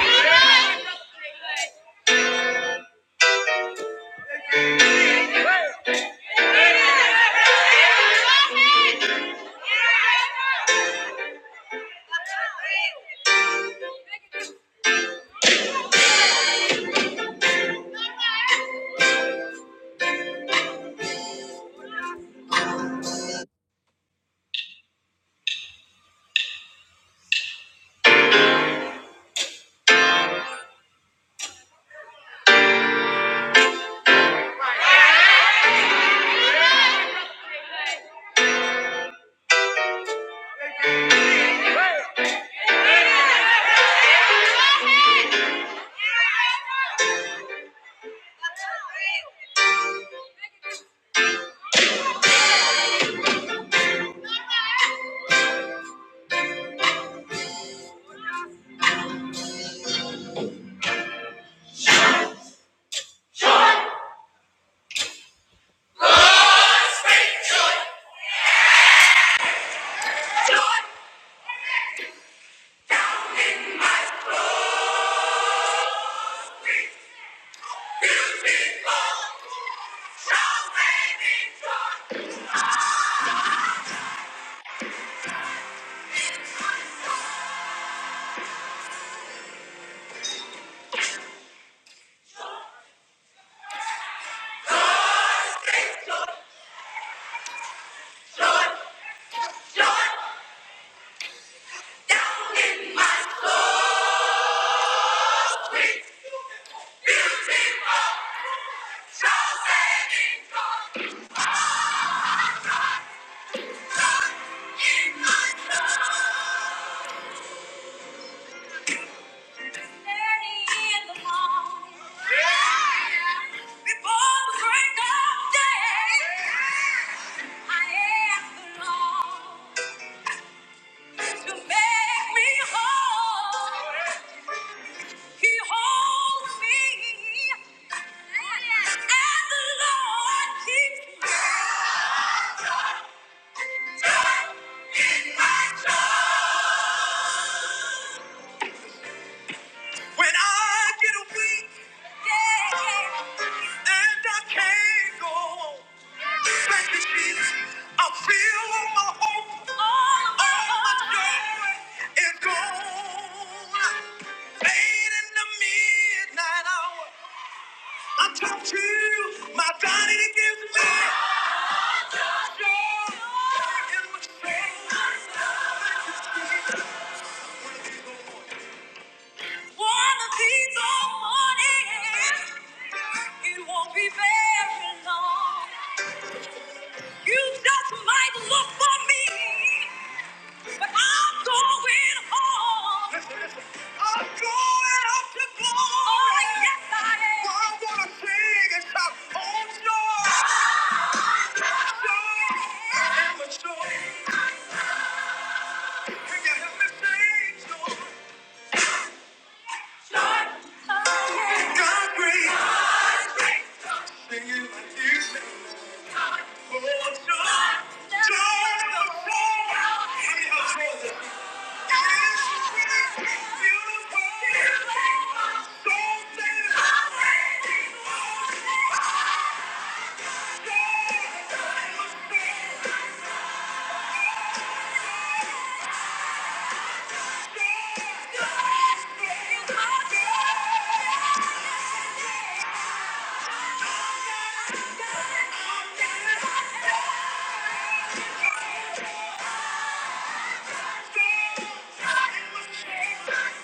Thank you. Keeps me keeps Yeah. When I get weak yeah, yeah, and I can't go on, thank you, Jesus. I feel all my hope, all my joy is gone. Late in the midnight hour, I talk to you, my daddy that gives me joy in my soul. Thank you, Jesus. One of these old mornings, it won't be very long. You just might look for me, but I'm going home. I'm going up to glory. Oh, yes, I am. Well, I'm gonna sing and shout, oh, joy, joy, I'm joy. Can you help me sing, joy? God, great. Singing with you. Yeah.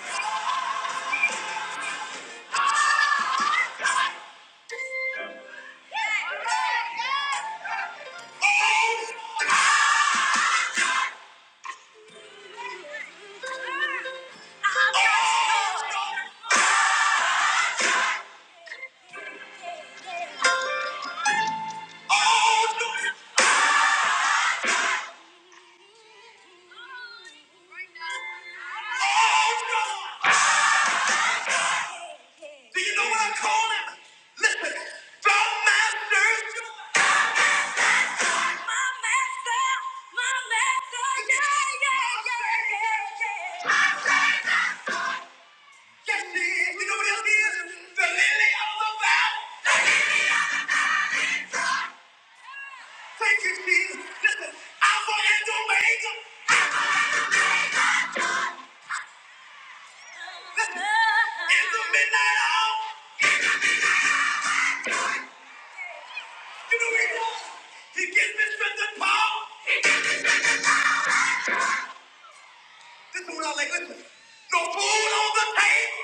Do you know what I call him? Listen, the master's My master, my master, yeah, yeah, yeah, yeah, yeah. Yes, she is. You know what else she is? The lily of the valley. Thank you, Jesus. Listen, Alpha and Omega. Listen, in the midnight hour. You know what he does? He gives me strength and power. This is what I like. Listen, no food on the table.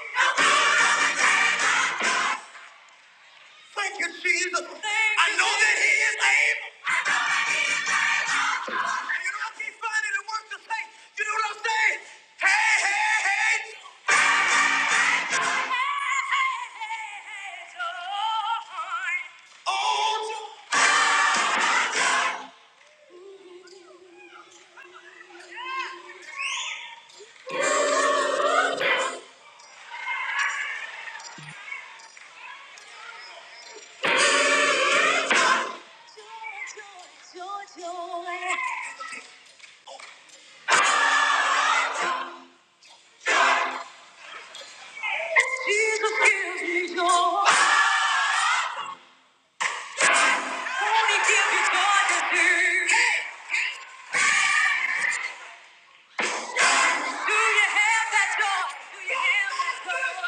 Thank you, Jesus. I know that he is able. You know, I keep finding the words to say. You know what I'm saying? Hey, hey, hey. Hey, hey, hey, joy. Oh, joy. Jesus gives me joy. Only gives me joy to do. Do you have that joy? Do you have that joy?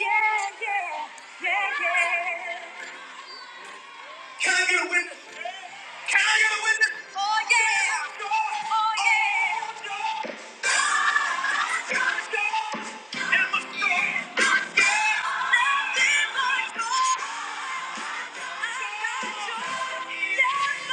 Yeah, yeah, yeah, yeah. Can I get a witness? Can I get a witness? Oh, yeah. I still have my story. Yeah. Yeah, my story. Yeah,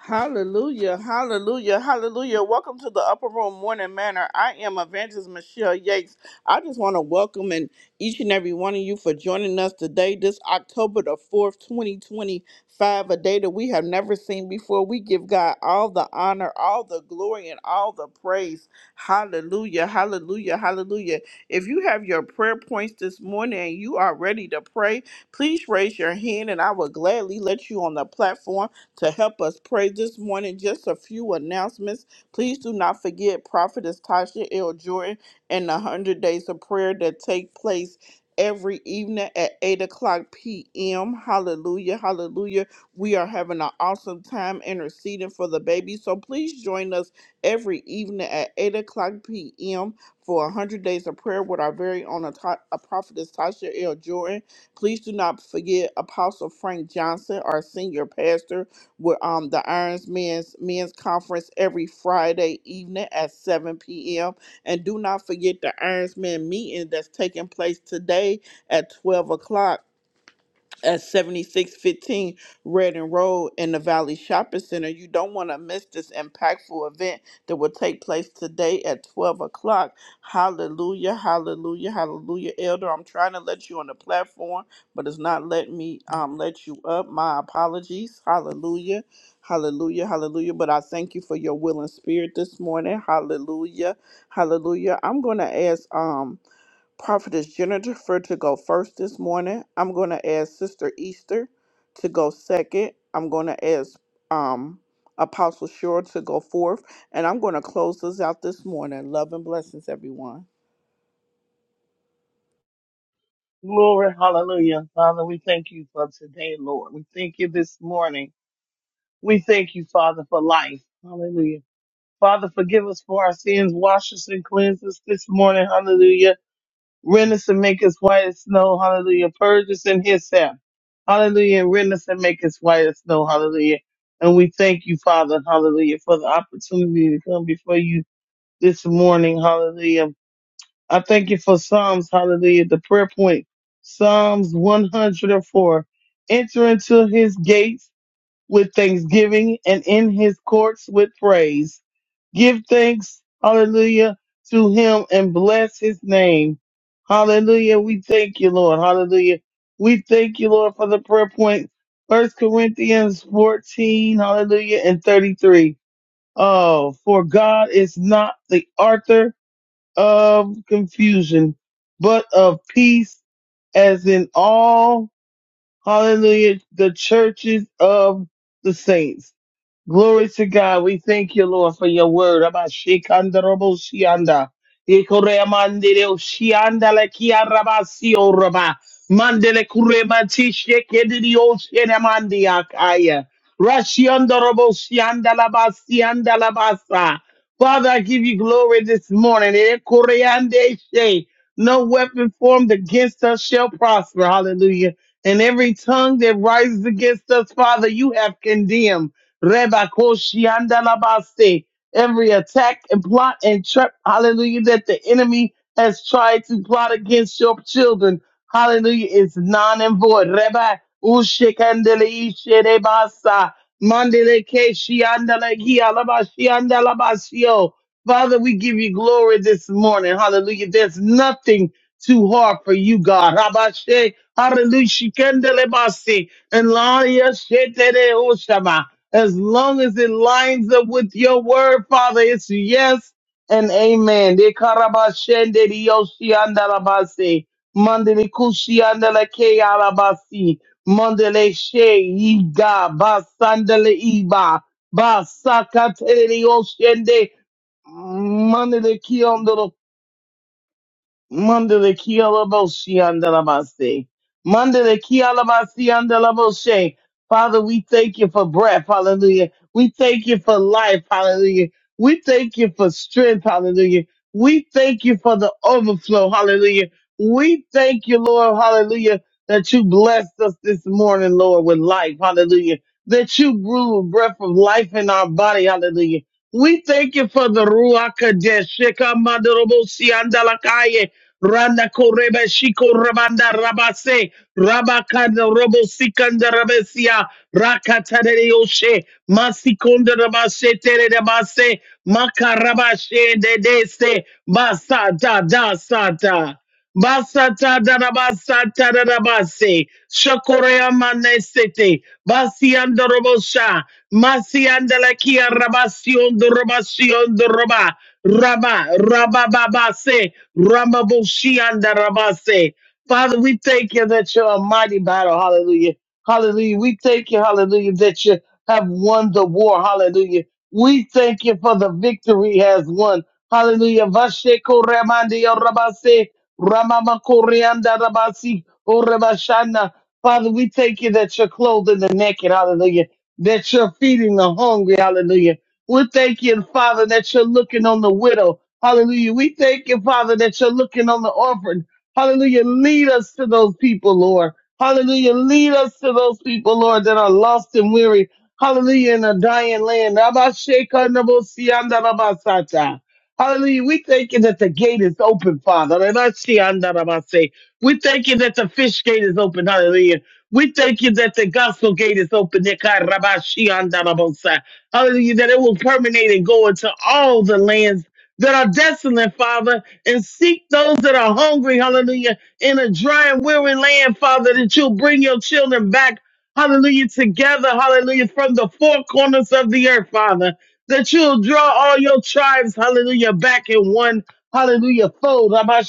Hallelujah, hallelujah, hallelujah. Welcome to the Upper Room Morning Manor. I am Evangelist Michelle Yates. I just want to welcome and each and every one of you for joining us today, this October the 4th, 2025, a day that we have never seen before. We give God all the honor, all the glory, and all the praise. Hallelujah, hallelujah, hallelujah. If you have your prayer points this morning and you are ready to pray, please raise your hand and I will gladly let you on the platform to help us pray this morning. Just a few announcements. Please do not forget Prophetess Tasha L. Jordan and the 100 Days of Prayer that take place every evening at 8 o'clock p.m. Hallelujah, hallelujah. We are having an awesome time interceding for the baby. So please join us every evening at 8 o'clock p.m. for 100 Days of Prayer with our very own Ata- uh, Prophetess Tasha L. Jordan. Please do not forget Apostle Frank Johnson, our senior pastor with um the Irons Men's Men's Conference every Friday evening at 7 p.m. And do not forget the Irons Men meeting that's taking place today at 12 o'clock at 7615 Redding Road in the Valley Shopping Center. You don't want to miss this impactful event that will take place today at 12 o'clock. Hallelujah, hallelujah, hallelujah. Elder, I'm trying to let you on the platform, but it's not letting me um, let you up. My apologies. Hallelujah. Hallelujah, hallelujah. But I thank you for your willing spirit this morning. Hallelujah, hallelujah. I'm going to ask um, Prophetess Jennifer to go first this morning. I'm going to ask Sister Easter to go second. I'm going to ask um, Apostle Shore to go fourth. And I'm going to close this out this morning. Love and blessings, everyone. Glory, hallelujah. Father, we thank you for today, Lord. We thank you this morning. We thank you, Father, for life. Hallelujah. Father, forgive us for our sins. Wash us and cleanse us this morning. Hallelujah. Rend us and make us white as snow. Hallelujah. Purge us in his self. Hallelujah. And rend us and make us white as snow. Hallelujah. And we thank you, Father, hallelujah, for the opportunity to come before you this morning. Hallelujah I thank you for Psalms, hallelujah, the prayer point, Psalms 104. Enter into his gates with thanksgiving and in his courts with praise. Give thanks, hallelujah, to him and bless his name. Hallelujah. We thank you, Lord. Hallelujah. We thank you, Lord, for the prayer point. First Corinthians 14, hallelujah, and 33. Oh, for God is not the author of confusion, but of peace, as in all, hallelujah, the churches of the saints. Glory to God. We thank you, Lord, for your word. Abba, shikanda robo shianda. Ikore amandere o shianda le kia raba si o raba. Mandele kure mati sheke diri o shene mandi akaya. Rashianda robo shianda la ba sianda la basa. Father, I give you glory this morning. Ikore ande she. No weapon formed against us shall prosper. Hallelujah. And every tongue that rises against us, Father, you have condemned. Rebakoshi andalabaste. Every attack and plot and trap, hallelujah, that the enemy has tried to plot against your children, hallelujah, is non and void. Reba ushikandelishirebasa. Mandelekeshi andalaki alabashi andalabashio. Father, we give you glory this morning. Hallelujah. There's nothing too hard for you, God. Rabashe, hallelujah. shikandelebasi. And Lord, yes, shetere oshama as long as it lines up with your word, Father. It's yes and amen. De karabashende di yoshi andalabasi. Mandele kushi andala ke alabasi. Mandele she iga basandele iba. Basakatele yoshende. Mandele Mandele kialabosi andalabase. Mandele kialabasi andalabose. Father, we thank you for breath. Hallelujah. We thank you for life. Hallelujah. We thank you for strength. Hallelujah. We thank you for the overflow. Hallelujah. We thank you, Lord. Hallelujah. That you blessed us this morning, Lord, with life. Hallelujah. That you grew a breath of life in our body. Hallelujah. We thank you for the Ruach Kadesh. Sheka Mandorobosi Andalakaye. Randa korebe shiko rabanda rabase. Rabakanda Robo Sikanda Rabesia Rakatare Yoshe Masikonda Rabashe Tere Rabase Makarabashe De Dese Basata Da Sata Basata Darabasata Darabase Shakorea Manesete Basianda Robosha Masianda Lakia Rabasion Rabasion Roba Raba Raba Babase Ramabushi and Rabase Father, we thank you that you're a mighty battle. Hallelujah. Hallelujah. We thank you, hallelujah, that you have won the war. Hallelujah. We thank you for the victory has won. Hallelujah. Vashe koremande yo ramama koreanda rabasi, o Father, we thank you that you're clothing the naked. Hallelujah. That you're feeding the hungry. Hallelujah. We thank you, Father, that you're looking on the widow. Hallelujah. We thank you, Father, that you're looking on the orphan. Hallelujah. Lead us to those people, Lord. Hallelujah. Lead us to those people, Lord, that are lost and weary. Hallelujah. In a dying land. Abashekanabosyandalabasata. Hallelujah. We thank you that the gate is open, Father. Abashekanabosyandalabase. We thank you that the fish gate is open. Hallelujah. We thank you that the gospel gate is open. Nekarabashekanabosyandalabosa. Hallelujah. That it will permeate and go into all the lands that are desolate, Father and seek those that are hungry, hallelujah, in a dry and weary land, Father, that you'll bring your children back, hallelujah, together, hallelujah, from the four corners of the earth, Father, that you'll draw all your tribes, hallelujah, back in one, hallelujah, fold. I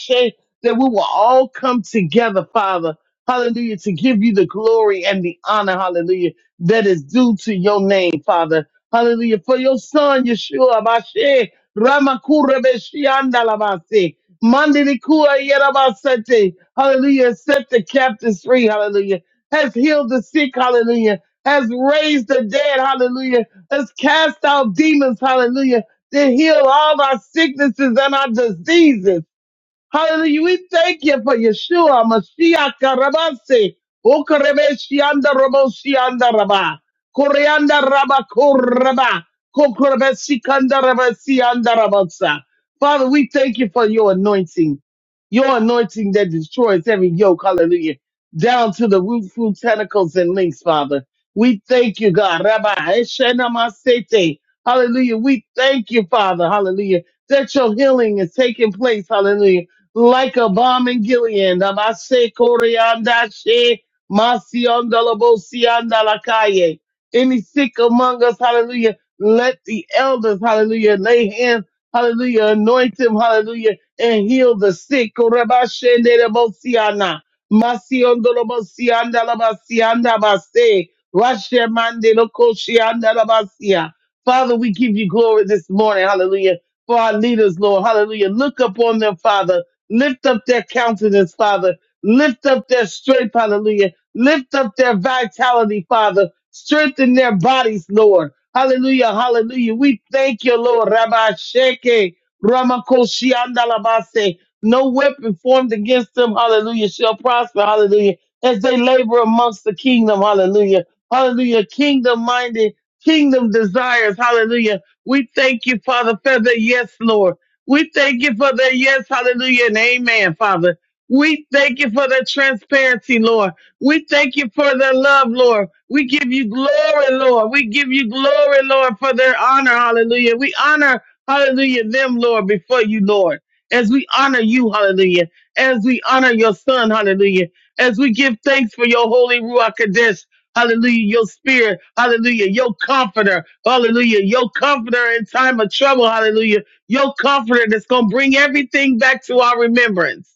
that we will all come together, Father, hallelujah, to give you the glory and the honor, hallelujah, that is due to your name, Father. Hallelujah. For your son, Yeshua, Amashe. Ramakura Beshianda Labasi. Mandikua Yerabasete. Hallelujah. Set the captives free. Hallelujah. Has healed the sick. Hallelujah. Has raised the dead. Hallelujah. Has cast out demons. Hallelujah. To heal all our sicknesses and our diseases. Hallelujah. We thank you for Yeshua, Messiah, Karabase, Okarebeshianda, Roboshianda, Rabba, Koreanda, Rabba, Koraba, Kokorebesikanda, Rabasianda, Rabasa. Father, we thank you for your anointing, your anointing that destroys every yoke, hallelujah, down to the root, fruit, tentacles, and links, Father. We thank you, God. Rabbi, Eshenamasete. Hallelujah. We thank you, Father. Hallelujah. That your healing is taking place. Hallelujah like a bomb in Gilead. Nabase koreanda she masianda labosianda lakaye. Any sick among us, hallelujah. Let the elders, hallelujah, lay hands, hallelujah, anoint him, hallelujah, and heal the sick. Korebashende labosiana. Masianda labosianda labasianda base. Rashemande lokoshianda labasia. Father, we give you glory this morning, hallelujah, for our leaders, Lord, hallelujah. Look upon them, Father. Lift up their countenance, Father. Lift up their strength, hallelujah. Lift up their vitality, Father. Strengthen their bodies, Lord. Hallelujah, hallelujah. We thank you, Lord. Rabbi Sheke, Ramakoshiandalabase. No weapon formed against them, hallelujah, shall prosper, hallelujah. As they labor amongst the kingdom, hallelujah. Hallelujah. Kingdom minded, kingdom desires, hallelujah. We thank you, Father. Feather, yes, Lord. We thank you for the yes, hallelujah, and amen, Father. We thank you for the transparency, Lord. We thank you for the love, Lord. We give you glory, Lord. We give you glory, Lord, for their honor, hallelujah. We honor, hallelujah, them, Lord, before you, Lord. As we honor you, hallelujah. As we honor your son, hallelujah. As we give thanks for your holy Ruach Kadesh, hallelujah, your spirit, hallelujah, your comforter, hallelujah, your comforter in time of trouble, hallelujah your comforter that's going to bring everything back to our remembrance.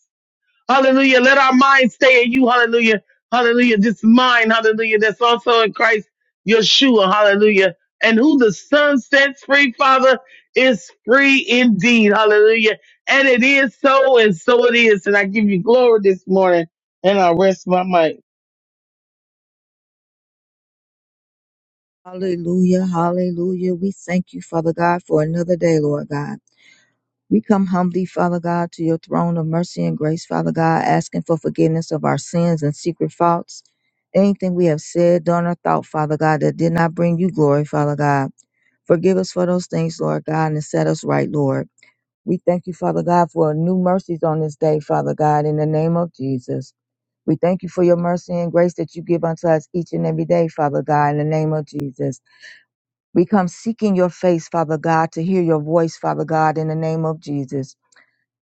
Hallelujah. Let our mind stay in you. Hallelujah. Hallelujah. This mind, hallelujah, that's also in Christ Yeshua. Hallelujah. And who the Son sets free, Father, is free indeed. Hallelujah. And it is so, and so it is. And I give you glory this morning, and I rest my mic. Hallelujah, hallelujah. We thank you, Father God, for another day, Lord God. We come humbly, Father God, to your throne of mercy and grace, Father God, asking for forgiveness of our sins and secret faults. Anything we have said, done, or thought, Father God, that did not bring you glory, Father God. Forgive us for those things, Lord God, and set us right, Lord. We thank you, Father God, for new mercies on this day, Father God, in the name of Jesus. We thank you for your mercy and grace that you give unto us each and every day, Father God, in the name of Jesus. We come seeking your face, Father God, to hear your voice, Father God, in the name of Jesus.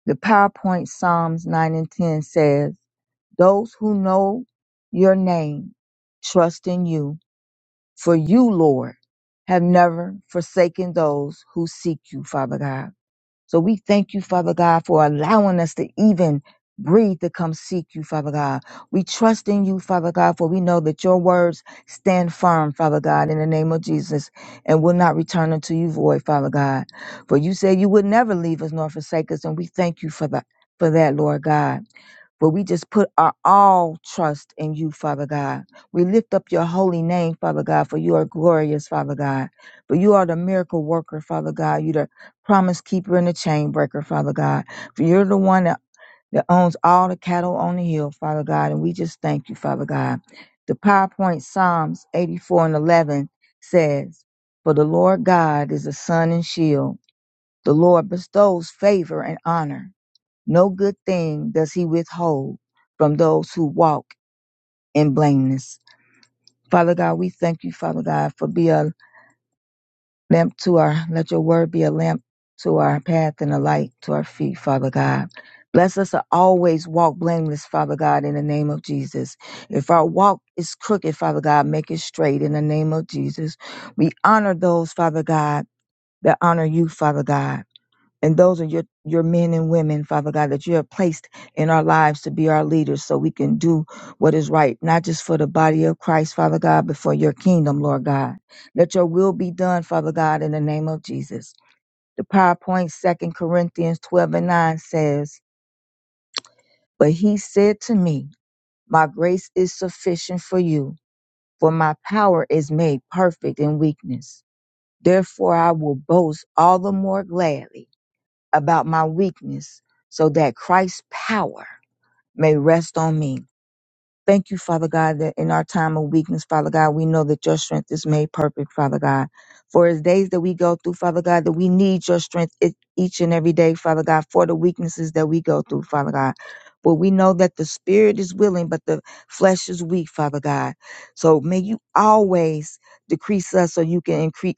The PowerPoint Psalms 9 and 10 says, Those who know your name trust in you, for you, Lord, have never forsaken those who seek you, Father God. So we thank you, Father God, for allowing us to even breathe to come seek you, Father God. We trust in you, Father God, for we know that your words stand firm, Father God, in the name of Jesus, and will not return unto you void, Father God. For you said you would never leave us nor forsake us, and we thank you for that, for that, Lord God. But we just put our all trust in you, Father God. We lift up your holy name, Father God, for you are glorious, Father God. For you are the miracle worker, Father God. You're the promise keeper and the chain breaker, Father God. For you're the one that, that owns all the cattle on the hill, Father God. And we just thank you, Father God. The PowerPoint Psalms 84 and 11 says, For the Lord God is a sun and shield. The Lord bestows favor and honor. No good thing does he withhold from those who walk in blameless. Father God, we thank you, Father God, for being a lamp to our, let your word be a lamp to our path and a light to our feet, Father God. Bless us to always walk blameless, Father God, in the name of Jesus. If our walk is crooked, Father God, make it straight in the name of Jesus. We honor those, Father God, that honor you, Father God. And those are your, your men and women, Father God, that you have placed in our lives to be our leaders so we can do what is right, not just for the body of Christ, Father God, but for your kingdom, Lord God. Let your will be done, Father God, in the name of Jesus. The PowerPoint, Second Corinthians 12 and 9 says, But he said to me, My grace is sufficient for you, for my power is made perfect in weakness. Therefore, I will boast all the more gladly about my weakness so that Christ's power may rest on me. Thank you, Father God, that in our time of weakness, Father God, we know that your strength is made perfect, Father God. For as days that we go through, Father God, that we need your strength e- each and every day, Father God, for the weaknesses that we go through, Father God. But we know that the spirit is willing, but the flesh is weak, Father God. So may you always decrease us so you can increase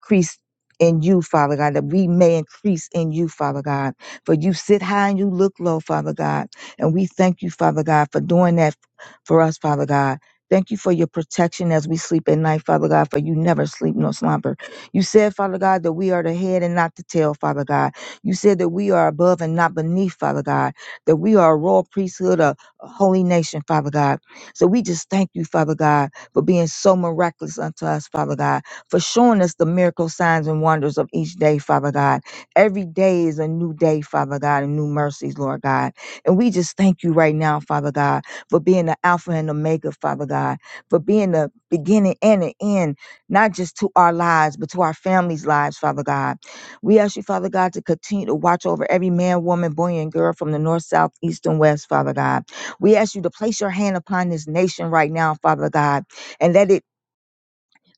increase in you, Father God, that we may increase in you, Father God. For you sit high and you look low, Father God. And we thank you, Father God, for doing that for us, Father God. Thank you for your protection as we sleep at night, Father God, for you never sleep nor slumber. You said, Father God, that we are the head and not the tail, Father God. You said that we are above and not beneath, Father God, that we are a royal priesthood, a a holy nation, Father God. So we just thank you, Father God, for being so miraculous unto us, Father God for showing us the miracle signs and wonders of each day, Father God. Every day is a new day, Father God, and new mercies, Lord God. And we just thank you right now, Father God, for being the Alpha and Omega, Father God, for being the beginning and the end, not just to our lives, but to our families' lives, Father God. We ask you, Father God, to continue to watch over every man, woman, boy, and girl from the north, south, east, and west, Father God. We ask you to place your hand upon this nation right now, Father God, and let it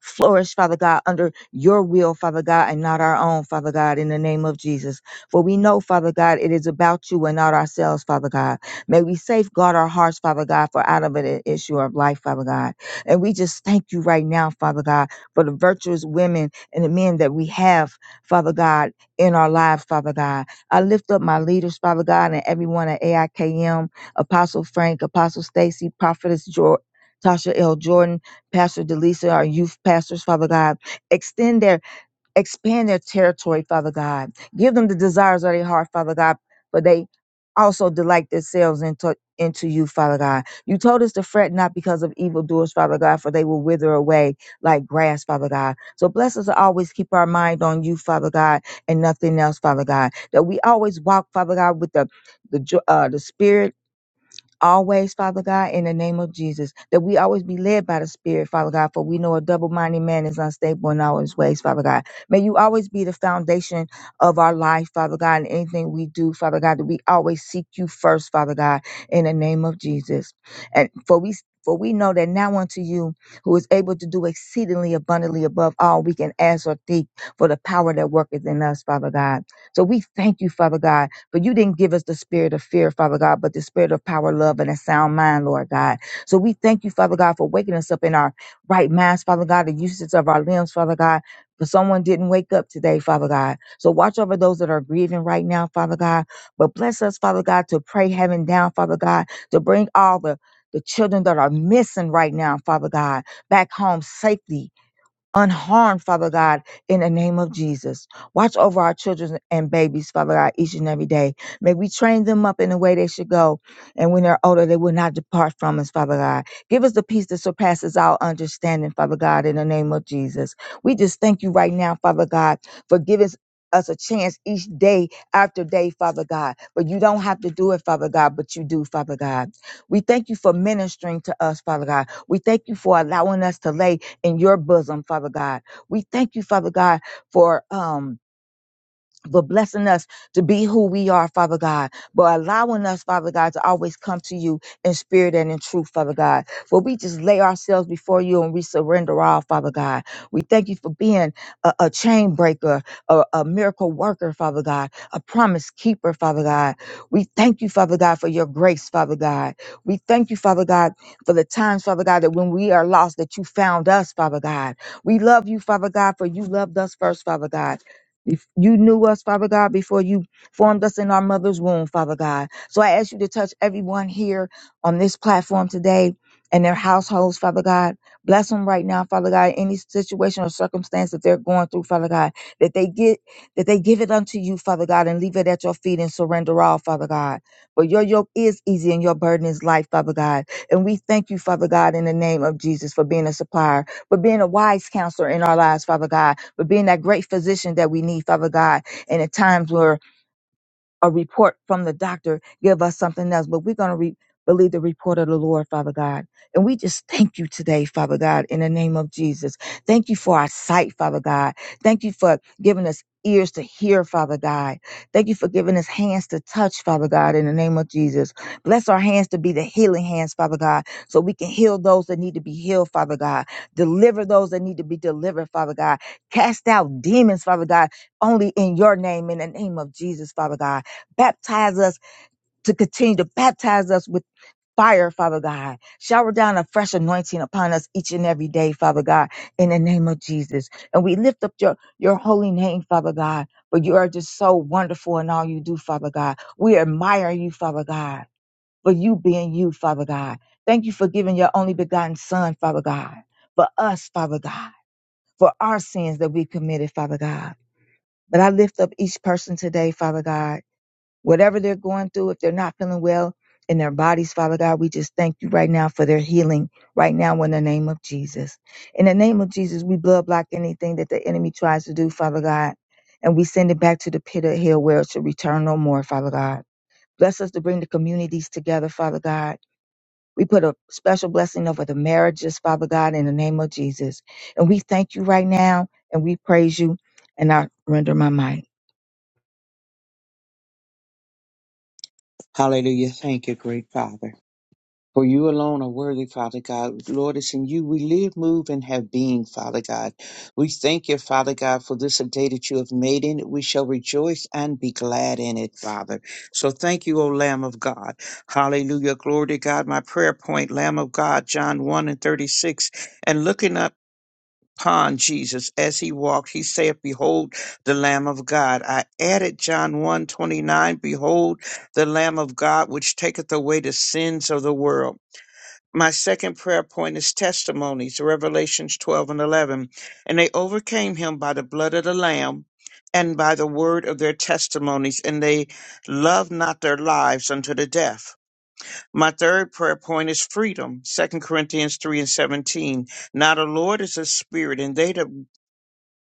flourish, Father God, under your will, Father God, and not our own, Father God, in the name of Jesus. For we know, Father God, it is about you and not ourselves, Father God. May we safeguard our hearts, Father God, for out of it an issue of life, Father God. And we just thank you right now, Father God, for the virtuous women and the men that we have, Father God, in our lives, Father God. I lift up my leaders, Father God, and everyone at AIKM, Apostle Frank, Apostle Stacy, Prophetess George. Tasha L. Jordan, Pastor Delisa, our youth pastors, Father God. Extend their, expand their territory, Father God. Give them the desires of their heart, Father God, for they also delight themselves into, into you, Father God. You told us to fret not because of evildoers, Father God, for they will wither away like grass, Father God. So bless us to always keep our mind on you, Father God, and nothing else, Father God. That we always walk, Father God, with the the, jo- uh, the spirit always, Father God, in the name of Jesus, that we always be led by the Spirit, Father God, for we know a double minded man is unstable in all his ways, Father God. May you always be the foundation of our life, Father God, and anything we do, Father God, that we always seek you first, Father God, in the name of Jesus. And for we for we know that now unto you, who is able to do exceedingly abundantly above all we can ask or think, for the power that worketh in us, Father God. So we thank you, Father God, but you didn't give us the spirit of fear, Father God, but the spirit of power, love, and a sound mind, Lord God. So we thank you, Father God, for waking us up in our right minds, Father God, the uses of our limbs, Father God. But someone didn't wake up today, Father God. So watch over those that are grieving right now, Father God. But bless us, Father God, to pray heaven down, Father God, to bring all the the children that are missing right now, Father God, back home safely unharmed, Father God, in the name of Jesus. Watch over our children and babies, Father God, each and every day. May we train them up in the way they should go. And when they're older, they will not depart from us, Father God. Give us the peace that surpasses our understanding, Father God, in the name of Jesus. We just thank you right now, Father God, for giving us a chance each day after day, Father God. But you don't have to do it, Father God, but you do, Father God. We thank you for ministering to us, Father God. We thank you for allowing us to lay in your bosom, Father God. We thank you, Father God, for um for blessing us to be who we are, Father God, but allowing us, Father God, to always come to you in spirit and in truth, Father God. For we just lay ourselves before you and we surrender all, Father God. We thank you for being a, a chain breaker, a, a miracle worker, Father God, a promise keeper, Father God. We thank you, Father God, for your grace, Father God. We thank you, Father God, for the times, Father God, that when we are lost, that you found us, Father God. We love you, Father God, for you loved us first, Father God. If You knew us, Father God, before you formed us in our mother's womb, Father God. So I ask you to touch everyone here on this platform today and their households, Father God. Bless them right now, Father God. Any situation or circumstance that they're going through, Father God, that they get, that they give it unto you, Father God, and leave it at your feet and surrender all, Father God. For your yoke is easy and your burden is light, Father God. And we thank you, Father God, in the name of Jesus for being a supplier, for being a wise counselor in our lives, Father God but being that great physician that we need, Father God. And at times where a report from the doctor give us something else, but we're going to re- believe the report of the Lord, Father God. And we just thank you today, Father God, in the name of Jesus. Thank you for our sight, Father God. Thank you for giving us ears to hear, Father God. Thank you for giving us hands to touch, Father God, in the name of Jesus. Bless our hands to be the healing hands, Father God, so we can heal those that need to be healed, Father God. Deliver those that need to be delivered, Father God. Cast out demons, Father God, only in your name, in the name of Jesus, Father God. Baptize us to continue to baptize us with fire, Father God. Shower down a fresh anointing upon us each and every day, Father God, in the name of Jesus. And we lift up your, your holy name, Father God, for you are just so wonderful in all you do, Father God. We admire you, Father God, for you being you, Father God. Thank you for giving your only begotten Son, Father God, for us, Father God, for our sins that we committed, Father God. But I lift up each person today, Father God whatever they're going through, if they're not feeling well in their bodies, Father God, we just thank you right now for their healing right now in the name of Jesus. In the name of Jesus, we blood block anything that the enemy tries to do, Father God, and we send it back to the pit of hell where it should return no more, Father God. Bless us to bring the communities together, Father God. We put a special blessing over the marriages, Father God, in the name of Jesus. And we thank you right now and we praise you and I render my might. Hallelujah. Thank you, great Father. For you alone are worthy, Father God. Lord, it's in you we live, move, and have being, Father God. We thank you, Father God, for this day that you have made in it. We shall rejoice and be glad in it, Father. So thank you, O Lamb of God. Hallelujah. Glory to God. My prayer point, Lamb of God, John 1 and 36. And looking up upon Jesus as he walked, he saith, Behold the Lamb of God. I added John one twenty nine, Behold the Lamb of God, which taketh away the sins of the world. My second prayer point is testimonies, Revelations 12 and 11. And they overcame him by the blood of the Lamb and by the word of their testimonies, and they loved not their lives unto the death. My third prayer point is freedom, Second Corinthians 3 and 17. Now the Lord is a spirit, and they that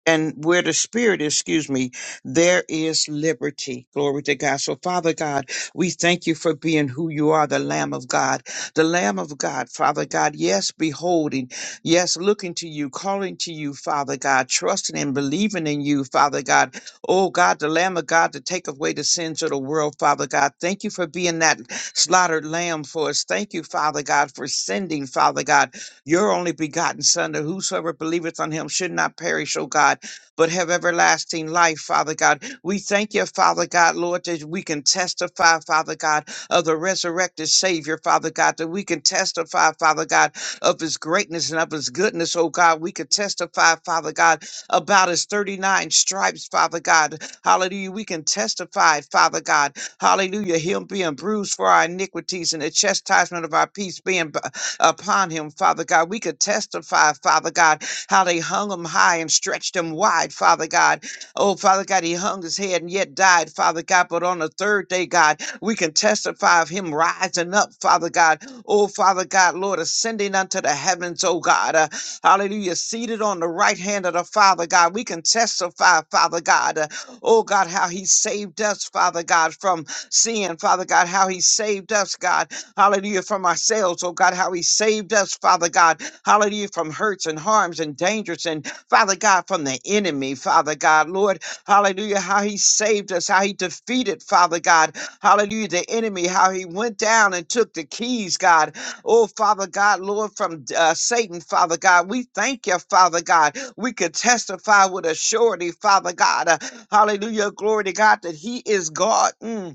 and where the spirit is, excuse me, there is liberty. Glory to God. So Father God, we thank you for being who you are, the Lamb of God, the Lamb of God, Father God. Yes, beholding, yes, looking to you, calling to you, Father God, trusting and believing in you, Father God. Oh God, the Lamb of God to take away the sins of the world, Father God. Thank you for being that slaughtered lamb for us. Thank you, Father God, for sending, Father God your only begotten Son, that whosoever believeth on him should not perish, O God, but have everlasting life, Father God. We thank you, Father God, Lord, that we can testify, Father God, of the resurrected Savior, Father God, that we can testify, Father God, of his greatness and of his goodness, oh God. We can testify, Father God, about his 39 stripes, Father God. Hallelujah. We can testify, Father God. Hallelujah. Him being bruised for our iniquities and the chastisement of our peace being upon him, Father God. We could testify, Father God, how they hung him high and stretched him wide, Father God. Oh, Father God, he hung his head and yet died, Father God. But on the third day, God, we can testify of him rising up, Father God. Oh, Father God, Lord, ascending unto the heavens, oh God. Uh, hallelujah. Seated on the right hand of the Father God. We can testify, Father God. uh, oh God, how he saved us, Father God, from sin, Father God, how he saved us, God. Hallelujah. From ourselves, oh God, how He saved us, Father God. Hallelujah. From hurts and harms and dangers and Father God, from the enemy, Father God, Lord, hallelujah, how he saved us, how he defeated, Father God, hallelujah, the enemy, how he went down and took the keys, God, oh, Father God, Lord, from uh, Satan, Father God, we thank you, Father God, we could testify with a surety, Father God, uh, hallelujah, glory to God, that he is God, Mm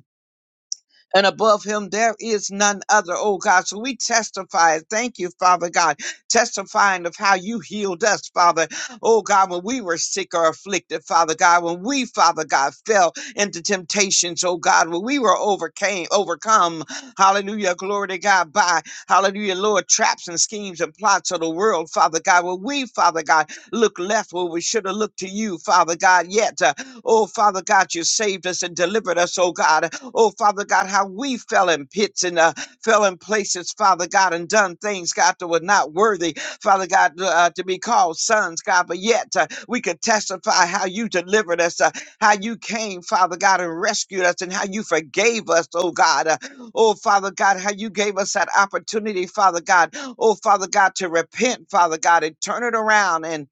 and above him there is none other, oh God. So we testify. Thank you, Father God, testifying of how you healed us, Father. Oh God, when we were sick or afflicted, Father God, when we, Father God, fell into temptations, oh God, when we were overcame, overcome, hallelujah, glory to God, by, hallelujah, Lord, traps and schemes and plots of the world, Father God, when we, Father God, look left where we should have looked to you, Father God, yet, uh, oh Father God, you saved us and delivered us, oh God, Oh, Father God, how we fell in pits and uh, fell in places, Father God, and done things, God, that were not worthy, Father God, uh, uh, to be called sons, God. But yet uh, we could testify how you delivered us, uh, how you came, Father God, and rescued us, and how you forgave us, oh God. Uh, oh, Father God, how you gave us that opportunity, Father God. Oh, Father God, to repent, Father God, and turn it around and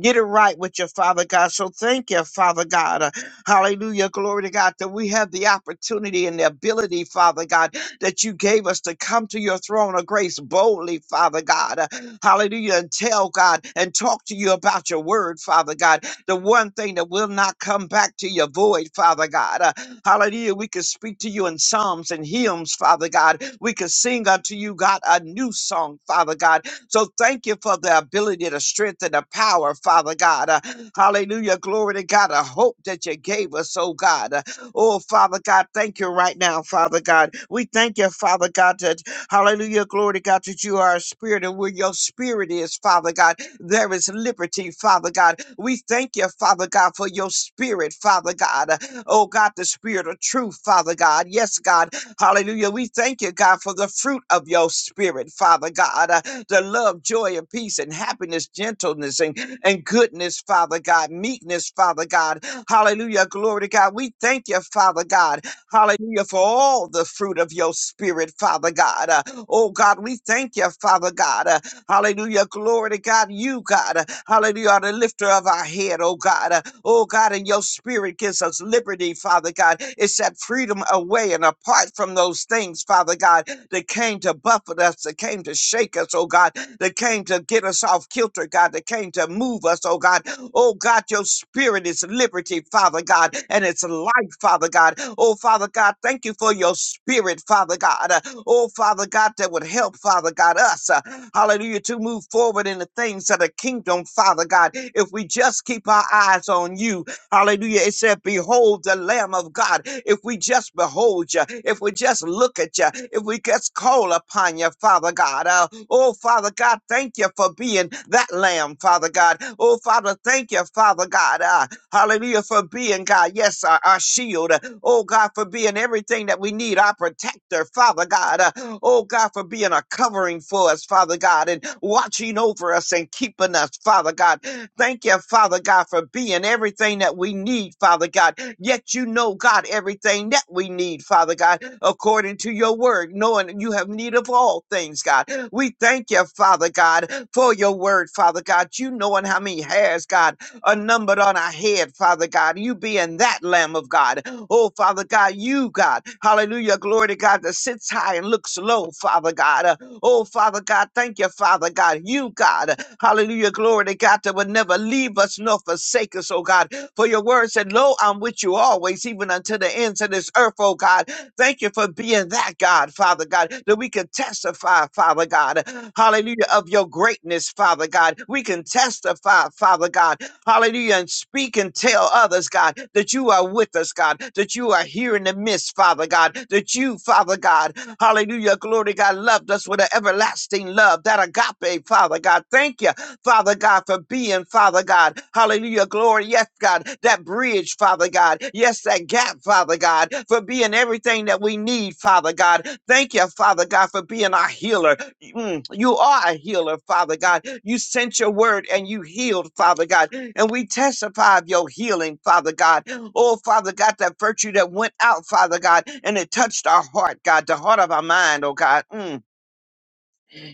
get it right with your Father God. So thank you, Father God. uh, Hallelujah. Glory to God that we have the opportunity and the ability, Father God, that you gave us to come to your throne of grace boldly, Father God. Uh, Hallelujah. And tell God and talk to you about your word, Father God. The one thing that will not come back to your void, Father God. Uh, Hallelujah. We can speak to you in psalms and hymns, Father God. We can sing unto you, God, a new song, Father God. So thank you for the ability, the strength, and the power, Father God. Uh, hallelujah. Glory to God. A hope that you gave us, oh God. Uh, oh, Father God, thank you right now, Father God. We thank you, Father God, that, hallelujah, glory to God, that you are a spirit, and where your spirit is, Father God, there is liberty, Father God. We thank you, Father God, for your spirit, Father God. Uh, Oh God, the spirit of truth, Father God. Yes, God. Hallelujah. We thank you, God, for the fruit of your spirit, Father God. Uh, the love, joy, and peace, and happiness, gentleness, and, and goodness, Father God. Meekness, Father God. Hallelujah. Glory to God. We thank you, Father God. Hallelujah. For all the fruit of your spirit, Father God. Uh, oh, God, we thank you, Father God. Uh, Hallelujah. Glory to God. You, God. Hallelujah. Are the lifter of our head, oh God. Oh God, and your spirit gives us liberty, Father God. It set freedom away and apart from those things, Father God that came to buffet us, that came to shake us, oh God, that came to get us off kilter, God, that came to move us, oh God. Oh God, your spirit is liberty, Father God, and it's life, Father God. Oh Father God, thank you for your spirit, Father God. Uh, Oh Father God, that would help, Father God, us, uh, hallelujah, to move forward in the things of the kingdom, Father God. If we just keep our eyes on you, Hallelujah. It said, Behold the Lamb of God. If we just behold you, if we just look at you, if we just call upon you, Father God. Uh, oh, Father God, thank you for being that Lamb, Father God. Oh, Father, thank you, Father God. Uh, hallelujah, for being God. Yes, our, our shield. Oh, God, for being everything that we need, our protector, Father God. Uh, oh, God, for being a covering for us, Father God, and watching over us and keeping us, Father God. Thank you, Father God, for being everything that we need, Father God. Yet you know, God, everything that we need, Father God, according to your word, knowing that you have need of all things, God. We thank you, Father God, for your word, Father God. You knowing how many hairs, God, are numbered on our head, Father God. You being that Lamb of God. Oh, Father God, you, God. Hallelujah. Glory to God that sits high and looks low, Father God. Oh, Father God, thank you, Father God. You, God, hallelujah, glory to God, that would never leave us nor forsake us, oh God. For your word said, Lo, I'm with you always, even unto the ends of this earth, oh God. Thank you for being that God, Father God, that we can testify, Father God, hallelujah, of your greatness, Father God. We can testify, Father God, hallelujah, and speak and tell others, God, that you are with us, God, that you are here in the midst, Father God, that you, Father God, Hallelujah. Glory, God loved us with an everlasting love. That agape, Father God. Thank you, Father God, for being, Father God. Hallelujah. Glory. Yes, God. That bridge, Father God. Yes, that gap, Father God, for being everything that we need, Father God. Thank you, Father God, for being our healer. Mm, you are a healer, Father God. You sent your word and you healed, Father God. And we testify of your healing, Father God. Oh, Father God, that virtue that went out, Father God, and it touched our heart, God, the heart of our mind, oh God. Mm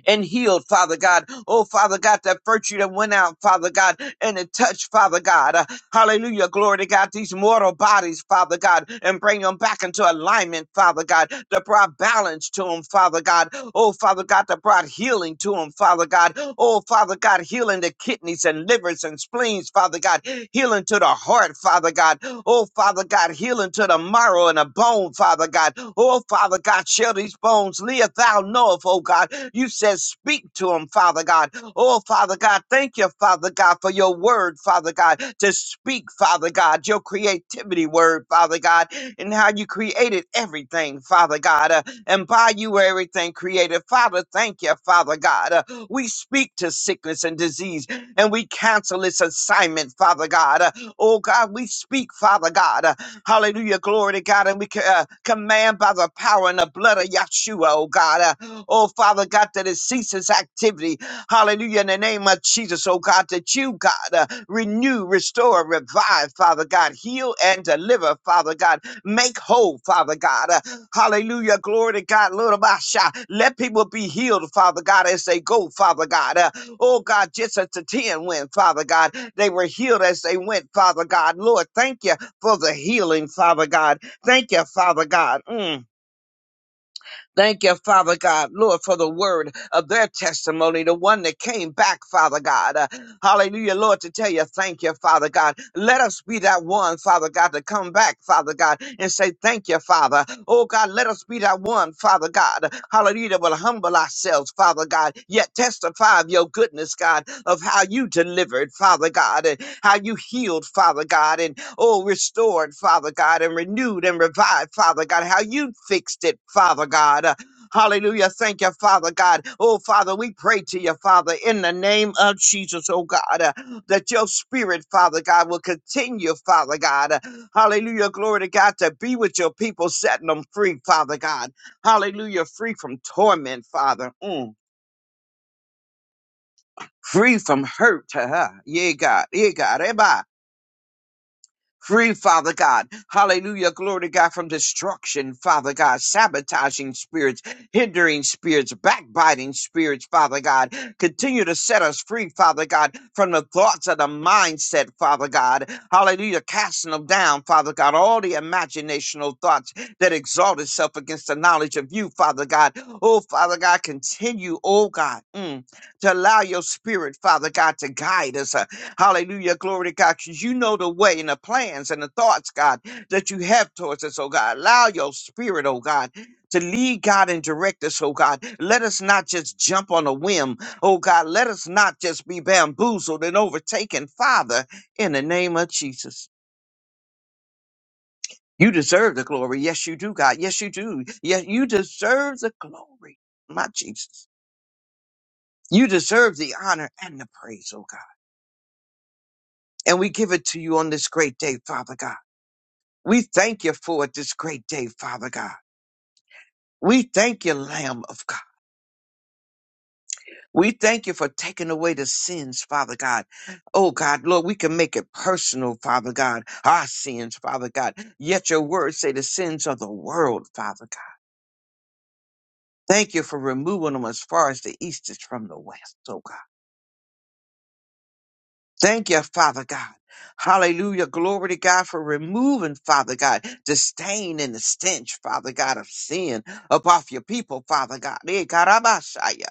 and healed, Father God. Oh, Father God, that virtue that went out, Father God, and it touched, Father God. Uh, hallelujah. Glory to God. These mortal bodies, Father God, and bring them back into alignment, Father God, that brought balance to them, Father God. Oh, Father God, that brought healing to them, Father God. Oh, Father God, healing the kidneys and livers and spleens, Father God. Healing to the heart, Father God. Oh, Father God, healing to the marrow and the bone, Father God. Oh, Father God, shall these bones live? Thou knowest, oh God. You said, Speak to them, Father God. Oh, Father God, thank you, Father God, for your word, Father God, to speak, Father God, your creativity word, Father God, and how you created everything, Father God, uh, and by you were everything created. Father, thank you, Father God. Uh, we speak to sickness and disease, and we cancel its assignment, Father God. Uh, oh, God, we speak, Father God. Uh, hallelujah, glory to God, and we ca- uh, command by the power and the blood of Yahshua, oh, God. Uh, Oh, Father God, that it ceases activity. Hallelujah. In the name of Jesus, oh God, that you, God, uh, renew, restore, revive, Father God, heal and deliver, Father God, make whole, Father God. Uh, hallelujah. Glory to God. Lord of Asha. Let people be healed, Father God, as they go, Father God. Uh, oh God, just as the 10 went, Father God, they were healed as they went, Father God. Lord, thank you for the healing, Father God. Thank you, Father God. Mm. Thank you, Father God, Lord, for the word of their testimony, the one that came back, Father God. Uh, hallelujah, Lord, to tell you, thank you, Father God. Let us be that one, Father God, to come back, Father God, and say, thank you, Father. Oh God, let us be that one, Father God. Hallelujah, that will humble ourselves, Father God, yet testify of your goodness, God, of how you delivered, Father God, and how you healed, Father God, and oh, restored, Father God, and renewed and revived, Father God, how you fixed it, Father God. Uh, Hallelujah. Thank you, Father God. Oh, Father, we pray to you, Father, in the name of Jesus, oh God, uh, that your spirit, Father God, will continue, Father God. Uh, hallelujah. Glory to God to be with your people, setting them free, Father God. Hallelujah. Free from torment, Father. Mm. Free from hurt. Yeah, God. Yeah, God. Free, Father God. Hallelujah. Glory to God from destruction, Father God. Sabotaging spirits, hindering spirits, backbiting spirits, Father God. Continue to set us free, Father God, from the thoughts of the mindset, Father God. Hallelujah. Casting them down, Father God. All the imaginational thoughts that exalt itself against the knowledge of you, Father God. Oh, Father God, continue, oh God, mm, to allow your spirit, Father God, to guide us. Hallelujah. Glory to God. 'Cause you know the way and the plans and the thoughts, God, that you have towards us, oh God. Allow your spirit, oh God, to lead God and direct us, oh God. Let us not just jump on a whim, oh God. Let us not just be bamboozled and overtaken, Father, in the name of Jesus. You deserve the glory. Yes, you do, God. Yes, you do. Yes, you deserve the glory, my Jesus. You deserve the honor and the praise, oh God. And we give it to you on this great day, Father God. We thank you for it this great day, Father God. We thank you, Lamb of God. We thank you for taking away the sins, Father God. Oh God, Lord, we can make it personal, Father God. Our sins, Father God. Yet your words say the sins of the world, Father God. Thank you for removing them as far as the east is from the west, oh God. Thank you, Father God. Hallelujah. Glory to God for removing, Father God, the stain and the stench, Father God, of sin up off your people, Father God. Eh, karabashaya.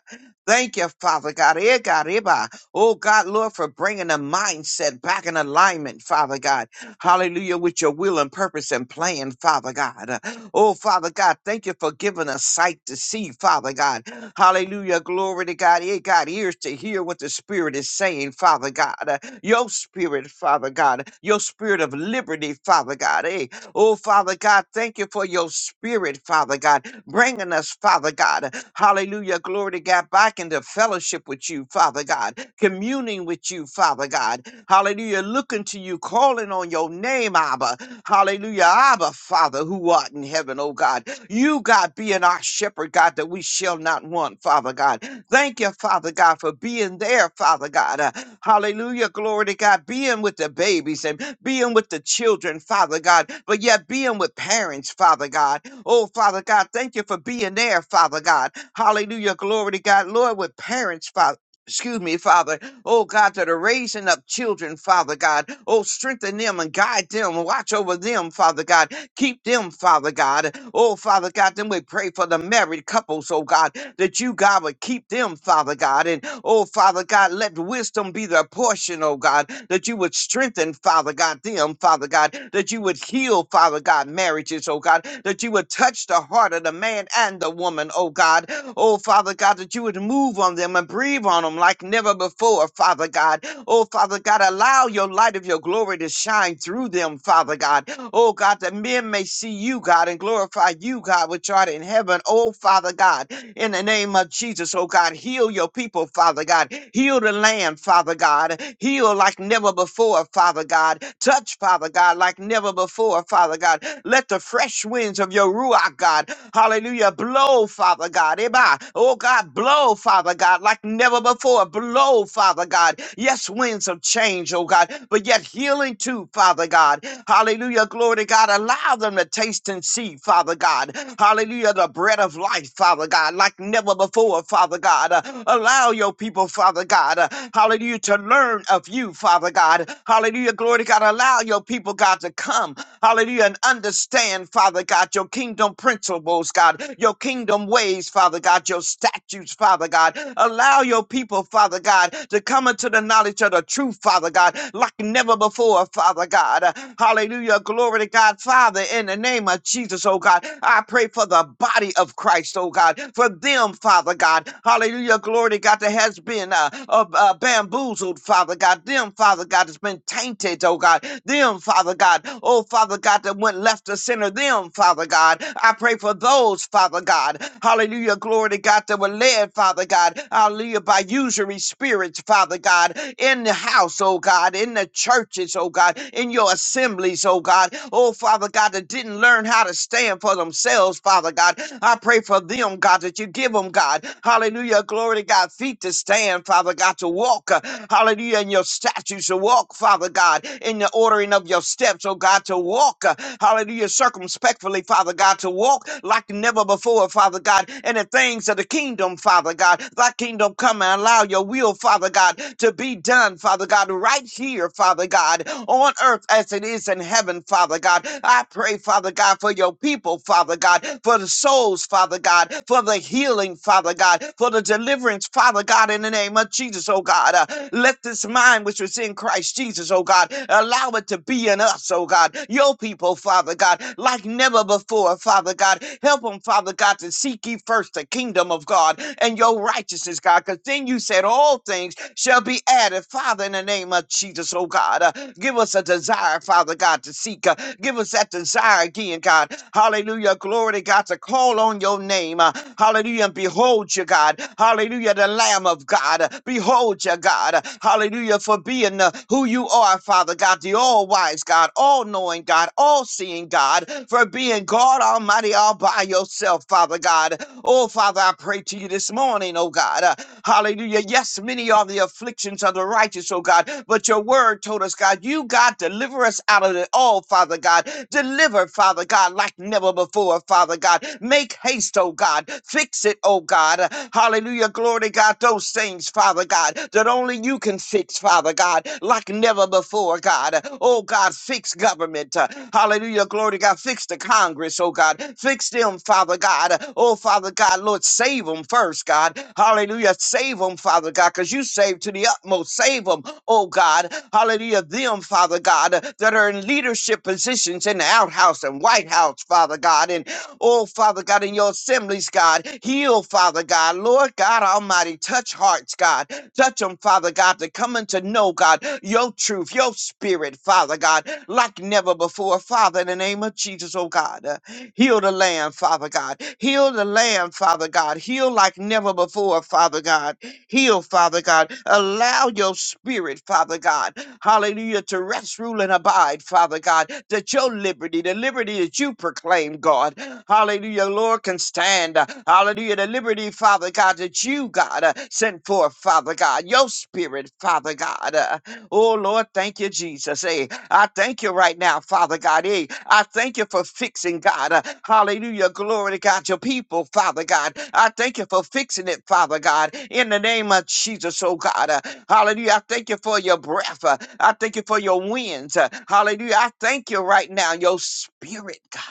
Thank you, Father God. Eh, gariba. Oh, God, Lord, for bringing the mindset back in alignment, Father God. Hallelujah, with your will and purpose and plan, Father God. Oh, Father God, thank you for giving us sight to see, Father God. Hallelujah. Glory to God. It got ears to hear what the Spirit is saying, Father God. Uh, Your Spirit, Father God. Your Spirit of liberty, Father God. Hey, oh, Father God, thank you for your Spirit, Father God, bringing us, Father God. Hallelujah. Glory to God. Back into fellowship with you, Father God. Communing with you, Father God. Hallelujah. Looking to you, calling on your name, Abba. Hallelujah. Abba, Father, who art in heaven, oh God. You, God, being our shepherd, God, that we shall not want, Father God. Thank you, Father God, for being there, Father God. Uh, hallelujah. Glory to God. Being with the babies and being with the children, Father God, but yet being with parents, Father God. Oh, Father God, thank you for being there, Father God. Hallelujah. Glory to God. Lord, with parents, Father. Excuse me, Father oh God, that are raising up children, Father God. Oh, strengthen them and guide them. Watch over them, Father God. Keep them, Father God. Oh, Father God, then we pray for the married couples, oh God, that you, God, would keep them, Father God. And oh, Father God, let wisdom be their portion, oh God, that you would strengthen, Father God, them, Father God, that you would heal, Father God, marriages, oh God, that you would touch the heart of the man and the woman, oh God. Oh, Father God, that you would move move on them and breathe on them like never before, Father God. Oh, Father God, allow your light of your glory to shine through them, Father God. Oh, God, that men may see you, God, and glorify you, God, which art in heaven. Oh, Father God, in the name of Jesus, oh God, heal your people, Father God. Heal the land, Father God. Heal like never before, Father God. Touch, Father God, like never before, Father God. Let the fresh winds of your Ruach, God, hallelujah, blow, Father God. Eba. Oh God, blow, Father God, like never before. Blow, Father God. Yes, winds of change, oh God, but yet healing too, Father God. Hallelujah, glory to God. Allow them to taste and see, Father God. Hallelujah, the bread of life, Father God, like never before, Father God. Uh, allow your people, Father God, uh, hallelujah, to learn of you, Father God. Hallelujah, glory to God. Allow your people, God, to come, hallelujah, and understand, Father God, your kingdom principles, God, your kingdom ways, Father God, your statutes, Father God. Allow your people, Father God, to come into the knowledge of the truth, Father God, like never before, Father God. Hallelujah. Glory to God, Father, in the name of Jesus, oh God. I pray for the body of Christ, oh God, for them, Father God. Hallelujah. Glory to God that has been uh, uh, uh, bamboozled, Father God. Them, Father God, has been tainted, oh God. Them, Father God. Oh, Father. Father God, that went left to center them, Father God. I pray for those, Father God. Hallelujah. Glory to God that were led, Father God. Hallelujah. By usury spirits, Father God. In the house, oh God. In the churches, oh God. In your assemblies, oh God. Oh, Father God, that didn't learn how to stand for themselves, Father God. I pray for them, God, that you give them, God. Hallelujah. Glory to God. Feet to stand, Father God, to walk. uh, Hallelujah. In your statutes to walk, Father God. God, in the ordering of your steps, oh God, to walk, uh, hallelujah, circumspectfully, Father God, to walk like never before, Father God, in the things of the kingdom, Father God. Thy kingdom come and allow your will, Father God, to be done, Father God, right here, Father God, on earth as it is in heaven, Father God. I pray, Father God, for your people, Father God, for the souls, Father God, for the healing, Father God, for the deliverance, Father God, in the name of Jesus, oh God. Uh, let this mind which was in Christ Jesus, oh God, allow it to be in us, oh God. Your people, Father God, like never before, Father God. Help them, Father God, to seek ye first the kingdom of God and your righteousness, God, because then you said all things shall be added, Father, in the name of Jesus, oh God. Uh, give us a desire, Father God, to seek. Uh, give us that desire again, God. Hallelujah. Glory to God to call on your name. Uh, hallelujah. And behold you, God. Hallelujah Lamb of God. Behold your God. Hallelujah for being uh, who you are, Father God, the all wise God, all knowing God, all seeing God, for being God Almighty all by yourself, Father God. Oh, Father, I pray to you this morning, oh God. Uh, hallelujah. Yes, many are the afflictions of the righteous, oh God, but your word told us, God, you, God, deliver us out of it all, Father God. Deliver, Father God, like never before, Father God. Make haste, oh God. Fix fix it, oh God. Hallelujah. Glory to God. Those things, Father God, that only you can fix, Father God, like never before, God. Oh God, fix government. Hallelujah. Glory to God. Fix the Congress, oh God. Fix them, Father God. Oh Father God, Lord, save them first, God. Hallelujah. Save them, Father God, because you saved to the utmost. Save them, oh God. Hallelujah. Them, Father God, that are in leadership positions in the outhouse and White House, Father God. And Oh, Father God, in your assemblies, God, heal, Father God. Lord God Almighty, touch hearts, God. Touch them, Father God, to come and to know, God, your truth, your spirit, Father God, like never before. Father, in the name of Jesus, oh God, uh, heal the land, Father God. Heal the land, Father God. Heal like never before, Father God. Heal, Father God. Allow your spirit, Father God, hallelujah, to rest, rule, and abide, Father God, that your liberty, the liberty that you proclaim, God, hallelujah, Lord, can stand. Hallelujah, the liberty, Father God, that you, God, uh, sent forth, Father God, your spirit, Father God. uh, Oh Lord, thank you, Jesus. Hey, I thank you right now, Father God. Hey, I thank you for fixing God. Uh, hallelujah. Glory to God, your people, Father God. I thank you for fixing it, Father God. In the name of Jesus, oh God. Uh, hallelujah. I thank you for your breath. Uh, I thank you for your winds. Uh, hallelujah. I thank you right now, your spirit, God.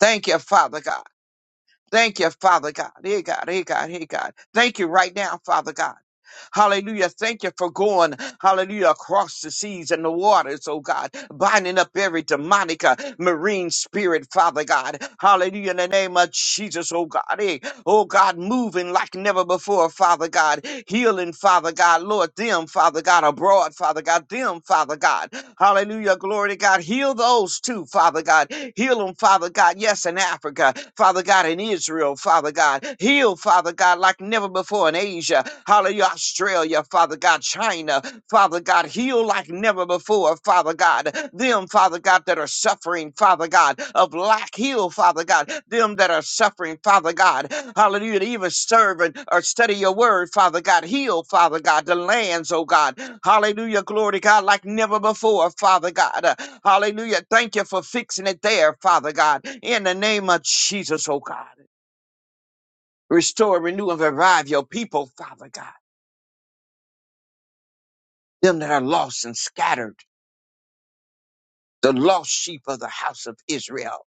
Thank you, Father God. Thank you, Father God. Hey, God. Hey, God. Hey, God. Thank you right now, Father God. Hallelujah. Thank you for going, hallelujah, across the seas and the waters, oh God, binding up every demonic uh, marine spirit, Father God. Hallelujah. In the name of Jesus, oh God. Eh, Oh God, moving like never before, Father God. Healing, Father God. Lord, them, Father God, abroad, Father God. Them, Father God. Hallelujah. Glory to God. Heal those too, Father God. Heal them, Father God. Yes, in Africa, Father God, in Israel, Father God. Heal, Father God, like never before in Asia. Hallelujah. Australia, Father God. China, Father God. Heal like never never before, Father God. Them, Father God, that are suffering, Father God, of lack, heal, Father God. Them that are suffering, Father God, hallelujah, to even serve and or study your word, Father God. Heal, Father God, the lands, oh God. Hallelujah, glory to God, like never before, Father God. Uh, Hallelujah. Thank you for fixing it there, Father God. In the name of Jesus, oh God. Restore, renew, and revive your people, Father God. Them that are lost and scattered, the lost sheep of the house of Israel.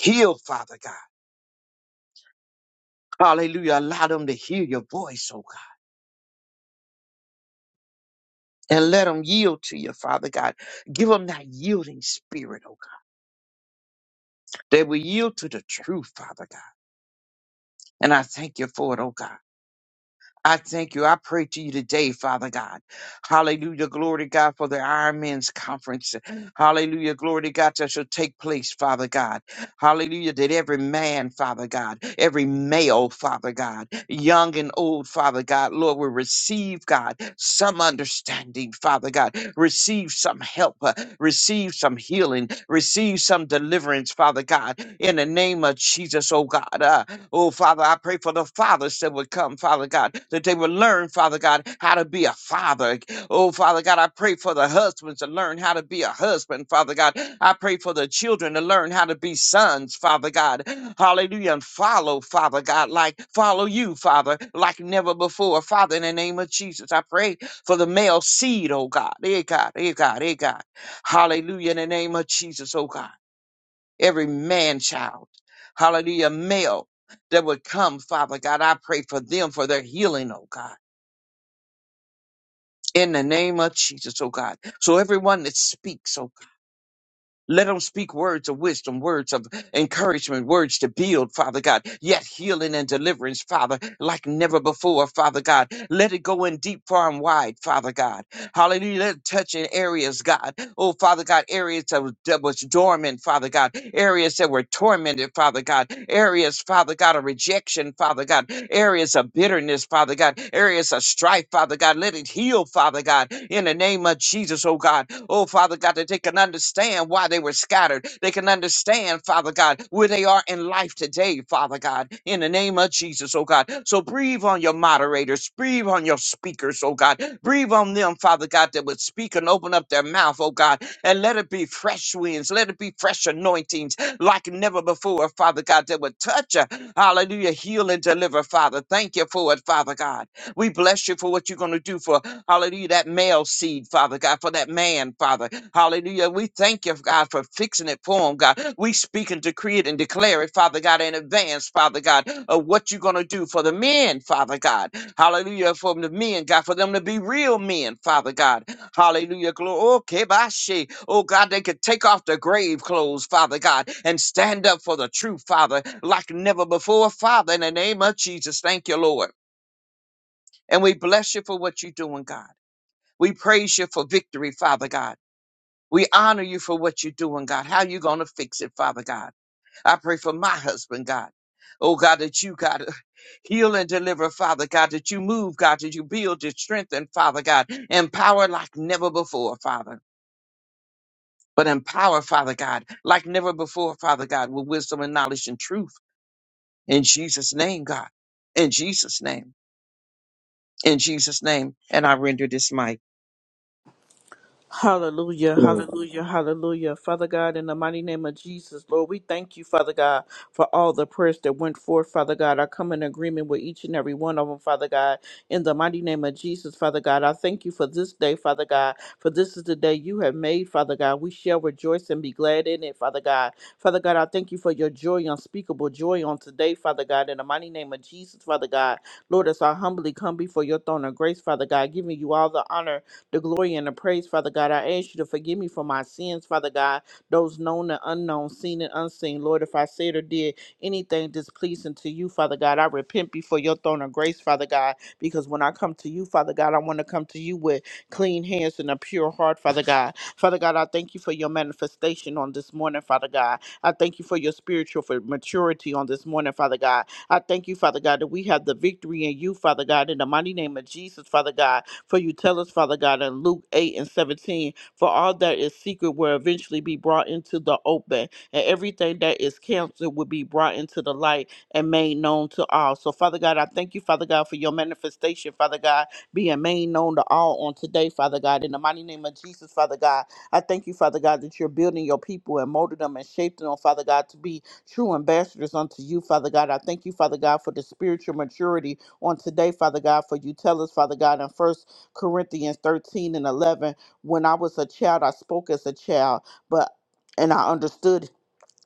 Heal, Father God. Hallelujah. Allow them to hear your voice, oh God, and let them yield to you, Father God. Give them that yielding spirit, oh God. They will yield to the truth, Father God. And I thank you for it, oh God. I thank you. I pray to you today, Father God. Hallelujah. Glory to God for the Iron Men's conference. Hallelujah. Glory to God that shall take place, Father God. Hallelujah. That every man, Father God, every male, Father God, young and old, Father God, Lord, will receive, God, some understanding, Father God. Receive some help, uh, receive some healing, receive some deliverance, Father God, in the name of Jesus, oh God. Uh, Oh, Father, I pray for the fathers that would come, Father God, that they would learn, Father God, how to be a father. Oh, Father God, I pray for the husbands to learn how to be a husband, Father God. I pray for the children to learn how to be sons, Father God. Hallelujah. And follow, Father God, like follow you, Father, like never before. Father, in the name of Jesus, I pray for the male seed, oh God. Eh, God, eh, God, eh, God. Hallelujah. In the name of Jesus, oh God every man child, hallelujah, male that would come, Father God. I pray for them for their healing, oh God. In the name of Jesus, oh God. So everyone that speaks, oh Let them speak words of wisdom, words of encouragement, words to build, Father God. Yet healing and deliverance, Father, like never before, Father God. Let it go in deep, far, and wide, Father God. Hallelujah. Let it touch in areas, God. Oh, Father God, areas that was, that was dormant, Father God. Areas that were tormented, Father God. Areas, Father God, of rejection, Father God. Areas of bitterness, Father God. Areas of strife, Father God. Let it heal, Father God, in the name of Jesus. Jesus, oh God. Oh, Father God, that they can understand why they were scattered. They can understand, Father God, where they are in life today, Father God, in the name of Jesus, oh God. So breathe on your moderators, breathe on your speakers, oh God. Breathe on them, Father God, that would speak and open up their mouth, oh God, and let it be fresh winds, let it be fresh anointings like never before, Father God, that would touch, uh, hallelujah, heal and deliver, Father. Thank you for it, Father God. We bless you for what you're going to do for, hallelujah, that male seed, Father God, for that man, Father. Hallelujah. We thank you, God, for fixing it for him, God. We speak and decree it and declare it, Father God, in advance, Father God, of what you're going to do for the men, Father God. Hallelujah. For the men, God, for them to be real men, Father God. Hallelujah. Glory. Okay, bye, she. Oh, God, they could take off their grave clothes, Father God, and stand up for the truth, Father, like never before, Father, in the name of Jesus. Thank you, Lord. And we bless you for what you're doing, God. We praise you for victory, Father God. We honor you for what you're doing, God. How you going to fix it, Father God? I pray for my husband, God. Oh, God, that you, God, heal and deliver, Father God, that you move, God, that you build and strengthen, Father God, empower like never before, Father. But empower, Father God, like never before, Father God, with wisdom and knowledge and truth. In Jesus' name, God. In Jesus' name. In Jesus' name. And I render this mic. Hallelujah, hallelujah, hallelujah. Father God, in the mighty name of Jesus, Lord, we thank you, Father God, for all the prayers that went forth, Father God. I come in agreement with each and every one of them, Father God. In the mighty name of Jesus, Father God, I thank you for this day, Father God, for this is the day you have made, Father God. We shall rejoice and be glad in it, Father God. Father God, I thank you for your joy, unspeakable joy on today, Father God. In the mighty name of Jesus, Father God, Lord, as I humbly come before your throne of grace, Father God, giving you all the honor the glory and the praise, Father God. I ask you to forgive me for my sins, Father God, those known and unknown, seen and unseen. Lord, if I said or did anything displeasing to you, Father God, I repent before your throne of grace, Father God, because when I come to you, Father God, I want to come to you with clean hands and a pure heart, Father God. Father God, I thank you for your manifestation on this morning, Father God. I thank you for your spiritual for maturity on this morning, Father God. I thank you, Father God, that we have the victory in you, Father God, in the mighty name of Jesus, Father God. For you tell us, Father God, in Luke 8 and 17, for all that is secret will eventually be brought into the open, and everything that is canceled will be brought into the light and made known to all. So, Father God, I thank you, Father God, for your manifestation, Father God, being made known to all on today, Father God. In the mighty name of Jesus, Father God, I thank you, Father God, that you're building your people and molding them and shaping them, Father God, to be true ambassadors unto you, Father God. I thank you, Father God, for the spiritual maturity on today, Father God, for you tell us, Father God, in First Corinthians 13 and 11, when I was a child, I spoke as a child, but and I understood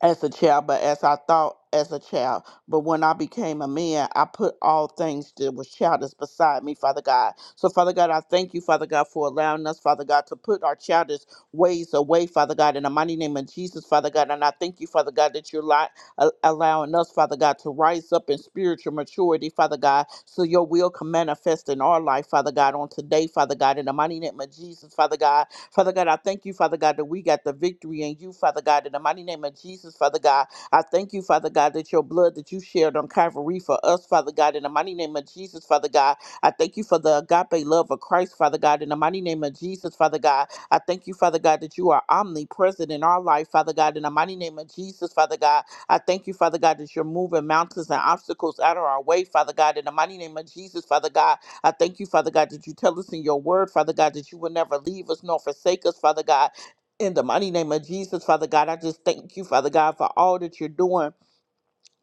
as a child, but as I thought as a child. But when I became a man, I put all things that was childish beside me, Father God. So, Father God, I thank you, Father God, for allowing us, Father God, to put our childish ways away, Father God, in the mighty name of Jesus, Father God. And I thank you, Father God, that you're li- a- allowing us, Father God, to rise up in spiritual maturity, Father God, so your will can manifest in our life, Father God, on today, Father God, in the mighty name of Jesus, Father God. Father God, I thank you, Father God, that we got the victory in you, Father God, in the mighty name of Jesus, Father God. I thank you, Father God, that your blood that you shared on Calvary for us, Father God, in the mighty name of Jesus, Father God. I thank you for the agape love of Christ, Father God, in the mighty name of Jesus, Father God. I thank you, Father God, that you are omnipresent in our life, Father God, in the mighty name of Jesus, Father God. I thank you, Father God, that you're moving mountains and obstacles out of our way, Father God, in the mighty name of Jesus, Father God. I thank you, Father God, that you tell us in your word, Father God, that you will never leave us nor forsake us, Father God. In the mighty name of Jesus, Father God, I just thank you, Father God, for all that you're doing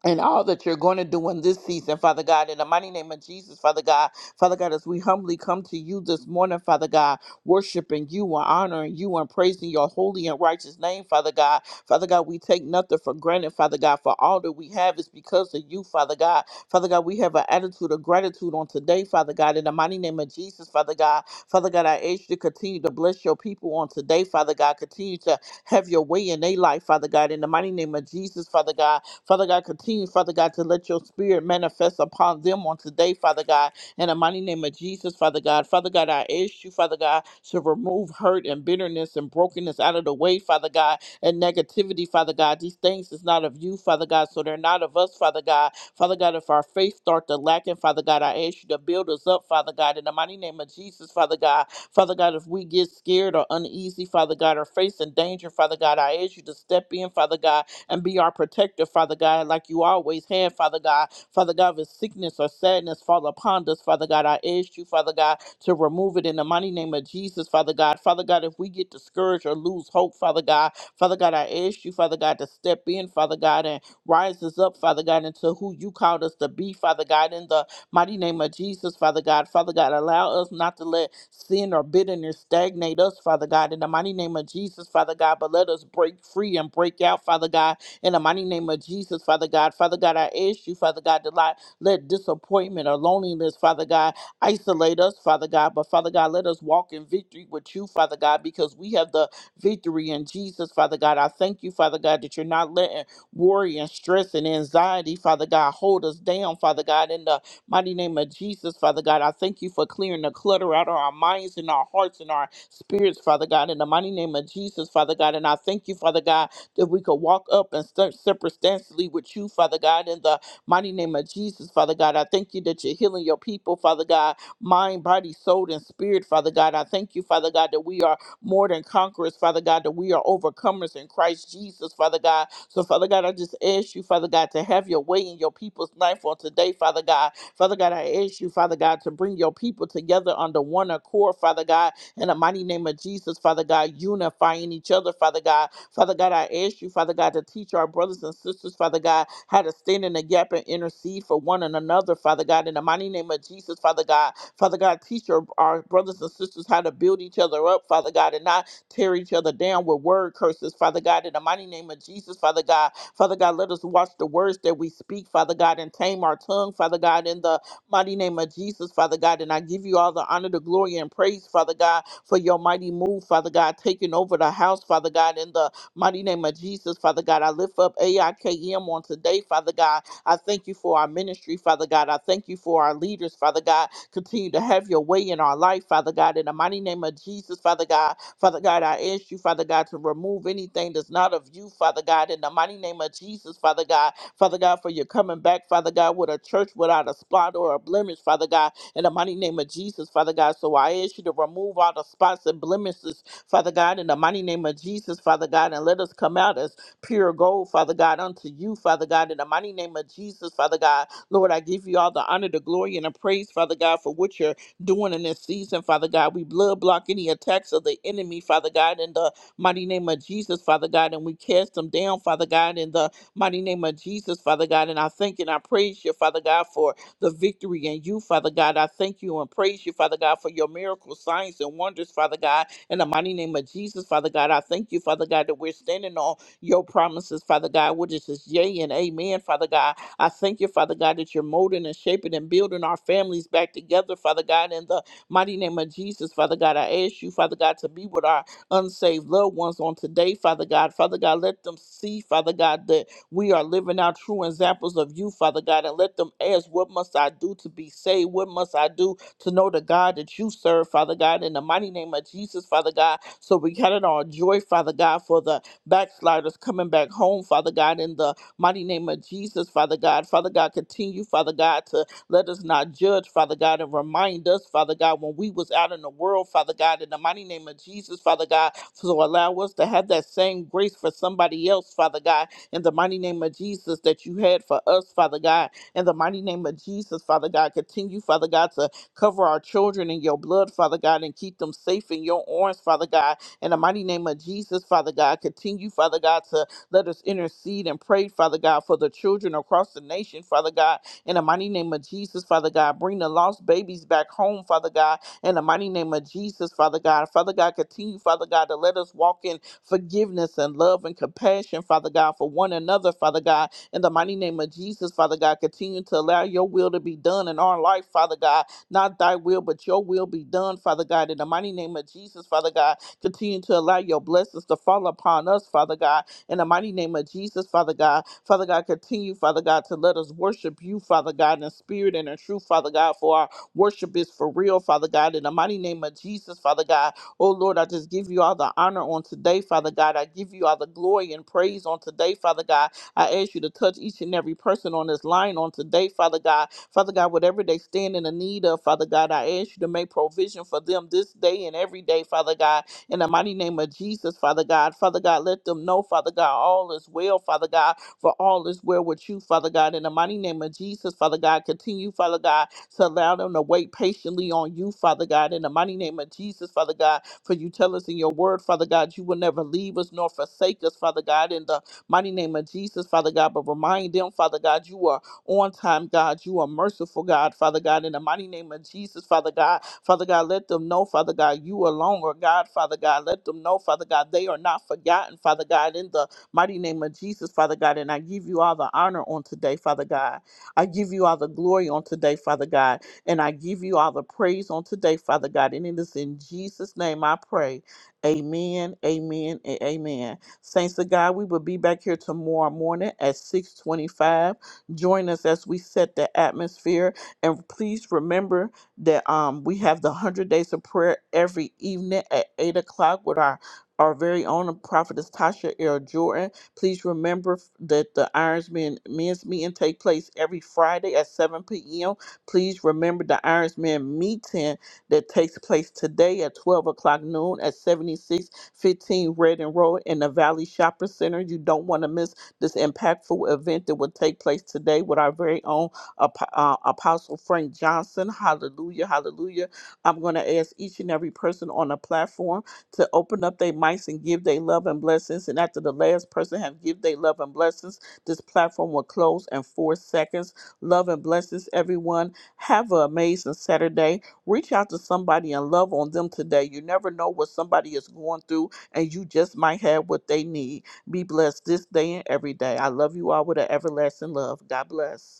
and all that you're going to do in this season, Father God, in the mighty name of Jesus, Father God. Father God, as we humbly come to you this morning, Father God, worshiping you and honoring you and praising your holy and righteous name, Father God. Father God, we take nothing for granted, Father God, for all that we have is because of you, Father God. Father God, we have an attitude of gratitude on today, Father God, in the mighty name of Jesus, Father God. Father God, I ask you to continue to bless your people on today, Father God. Continue to have your way in their life, Father God, in the mighty name of Jesus, Father God. Father God, continue, Father God, to let your spirit manifest upon them on today, Father God, in the mighty name of Jesus, Father God. Father God, I ask you, Father God, to remove hurt and bitterness and brokenness out of the way, Father God, and negativity, Father God. These things is not of you, Father God, so they're not of us, Father God. Father God, if our faith start to lacking, Father God, I ask you to build us up, Father God, in the mighty name of Jesus, Father God. Father God, if we get scared or uneasy, Father God, or facing danger, Father God, I ask you to step in, Father God, and be our protector, Father God, like you always have, Father God. Father God, if sickness or sadness fall upon us, Father God, I ask you, Father God, to remove it in the mighty name of Jesus, Father God. Father God, if we get discouraged or lose hope, Father God, Father God, I ask you, Father God, to step in, Father God, and rise us up, Father God, into who you called us to be, Father God, in the mighty name of Jesus, Father God. Father God, allow us not to let sin or bitterness stagnate us, Father God, in the mighty name of Jesus, Father God, but let us break free and break out, Father God, in the mighty name of Jesus, Father God, Father God, I ask you, Father God, to lie, let disappointment or loneliness, Father God, isolate us, Father God. But Father God, let us walk in victory with you, Father God, because we have the victory in Jesus, Father God. I thank you, Father God, that you're not letting worry and stress and anxiety, Father God, hold us down, Father God, in the mighty name of Jesus, Father God. I thank you for clearing the clutter out of our minds and our hearts and our spirits, Father God, in the mighty name of Jesus, Father God. And I thank you, Father God that we could walk up and start circumstantially with you, Father God, in the mighty name of Jesus, Father God. I thank you that you're healing your people, Father God, mind, body, soul, and spirit, Father God. I thank you, Father God, that we are more than conquerors, Father God, that we are overcomers in Christ Jesus, Father God. So, Father God, I just ask you, Father God, to have your way in your people's life on today, Father God. Father God, I ask you, Father God, to bring your people together under one accord, Father God, in the mighty name of Jesus, Father God, unifying each other, Father God. Father God, I ask you, Father God, to teach our brothers and sisters, Father God, how to stand in the gap and intercede for one and another, Father God, in the mighty name of Jesus, Father God. Father God, teach our, our brothers and sisters how to build each other up, Father God, and not tear each other down with word curses, Father God, in the mighty name of Jesus, Father God. Father God, let us watch the words that we speak, Father God, and tame our tongue, Father God, in the mighty name of Jesus, Father God. And I give you all the honor, the glory, and praise, Father God, for your mighty move, Father God, taking over the house, Father God, in the mighty name of Jesus, Father God. I lift up AIKM on today, Father God. I thank you for our ministry, Father God. I thank you for our leaders, Father God. Continue to have your way in our life, Father God. In the mighty name of Jesus, Father God. Father God, I ask you, Father God, to remove anything that's not of you, Father God. In the mighty name of Jesus, Father God. Father God, for your coming back, Father God, with a church without a spot or a blemish, Father God in the mighty name of Jesus, Father God. So I ask you to remove all the spots and blemishes, Father God, in the mighty name of Jesus, Father God, and let us come out as pure gold, Father God, unto you, Father God, in the mighty name of Jesus, Father God. Lord, I give you all the honor, the glory, and the praise, Father God, for what you're doing in this season, Father God. We blood block any attacks of the enemy, Father God, in the mighty name of Jesus, Father God, and we cast them down, Father God, in the mighty name of Jesus, Father God. And I thank and I praise you, Father God, for the victory in you, Father God. I thank you and praise you, Father God, for your miracles, signs, and wonders, Father God. In the mighty name of Jesus, Father God, I thank you, Father God, that we're standing on your promises, Father God, which is just yea and amen, Father God. I thank you, Father God, that you're molding and shaping and building our families back together, Father God, in the mighty name of Jesus, Father God. I ask you, Father God, to be with our unsaved loved ones on today, Father God. Father God, let them see, Father God, that we are living our true examples of you, Father God, and let them ask, What must I do to be saved? What must I do to know the God that you serve, Father God, in the mighty name of Jesus, Father God? So we count it on joy, Father God, for the backsliders coming back home, Father God, in the mighty name of Jesus, Father God. Father God, continue, Father God, to let us not judge, Father God, and remind us, Father God, when we was out in the world, Father God, in the mighty name of Jesus, Father God. So allow us to have that same grace for somebody else, Father God in the mighty name of Jesus that you had for us, Father God. In the mighty name of Jesus, Father God, continue, Father God, to cover our children in your blood, Father God, and keep them safe in your arms, Father God. In the mighty name of Jesus, Father God, continue, Father God, to let us intercede and pray, Father God, for the children across the nation, Father God. In the mighty name of Jesus, Father God, bring the lost babies back home, Father God. In the mighty name of Jesus, Father God. Father God, continue, Father God, to let us walk in forgiveness and love and compassion, Father God, for one another, Father God. In the mighty name of Jesus, Father God, continue to allow your will to be done in our life, Father God. Not thy will, but your will be done, Father God. In the mighty name of Jesus, Father God, continue to allow your blessings to fall upon us, Father God. In the mighty name of Jesus, Father God. Father God, continue, Father God, to let us worship you, Father God, in spirit and in truth, Father God, for our worship is for real, Father God. In the mighty name of Jesus, Father God, Oh Lord, I just give you all the honor on today, Father God. I give you all the glory and praise on today, Father God. I ask you to touch each and every person on this line on today, Father God. Father God, whatever they stand in the need of, Father God, I ask you to make provision for them this day and every day, Father God. In the mighty name of Jesus, Father God. Father God, let them know, Father God, all is well, Father God, for all is well with you, Father God. In the mighty name of Jesus, Father God, continue, Father God so allow them to wait patiently on you, Father God, in the mighty name of Jesus, Father God. For you tell us in your word, Father God, you will never leave us nor forsake us, Father God, in the mighty name of Jesus, Father God. But remind them, Father God, you are on time, God. You are merciful, God, Father God, in the mighty name of Jesus, Father God. Father God, let them know, Father God, you alone are God, Father God. Let them know, Father God, they are not forgotten, Father God, in the mighty name of Jesus, Father God. And I give you all the honor on today, Father God. I give you all the glory on today, Father God, and I give you all the praise on today, Father God. And it is in Jesus' name I pray. Amen, amen, and amen. Saints of God, we will be back here tomorrow morning at 625. Join us as we set the atmosphere. And please remember that um, we have the 100 days of prayer every evening at 8 o'clock with our, our very own prophetess Tasha L. Jordan. Please remember that the Irons Men men's meeting take place every Friday at 7 p.m. Please remember the Irons Men meeting that takes place today at 12 o'clock noon at 7615 Red Road in the Valley Shopper Center. You don't want to miss this impactful event that will take place today with our very own Apo- uh, Apostle Frank Johnson. Hallelujah, hallelujah. I'm going to ask each and every person on the platform to open up their mics and give their love and blessings. And after the last person have give their love and blessings, this platform will close in four seconds. Love and blessings, everyone. Have an amazing Saturday. Reach out to somebody and love on them today. You never know what somebody is going through, and you just might have what they need. Be blessed this day and every day. I love you all with an everlasting love. God bless.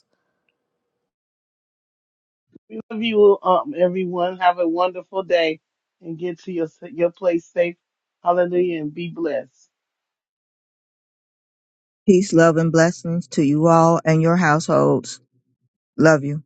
We love you, um, everyone. Have a wonderful day and get to your, your place safe. Hallelujah. And be blessed. Peace, love, and blessings to you all and your households. Love you.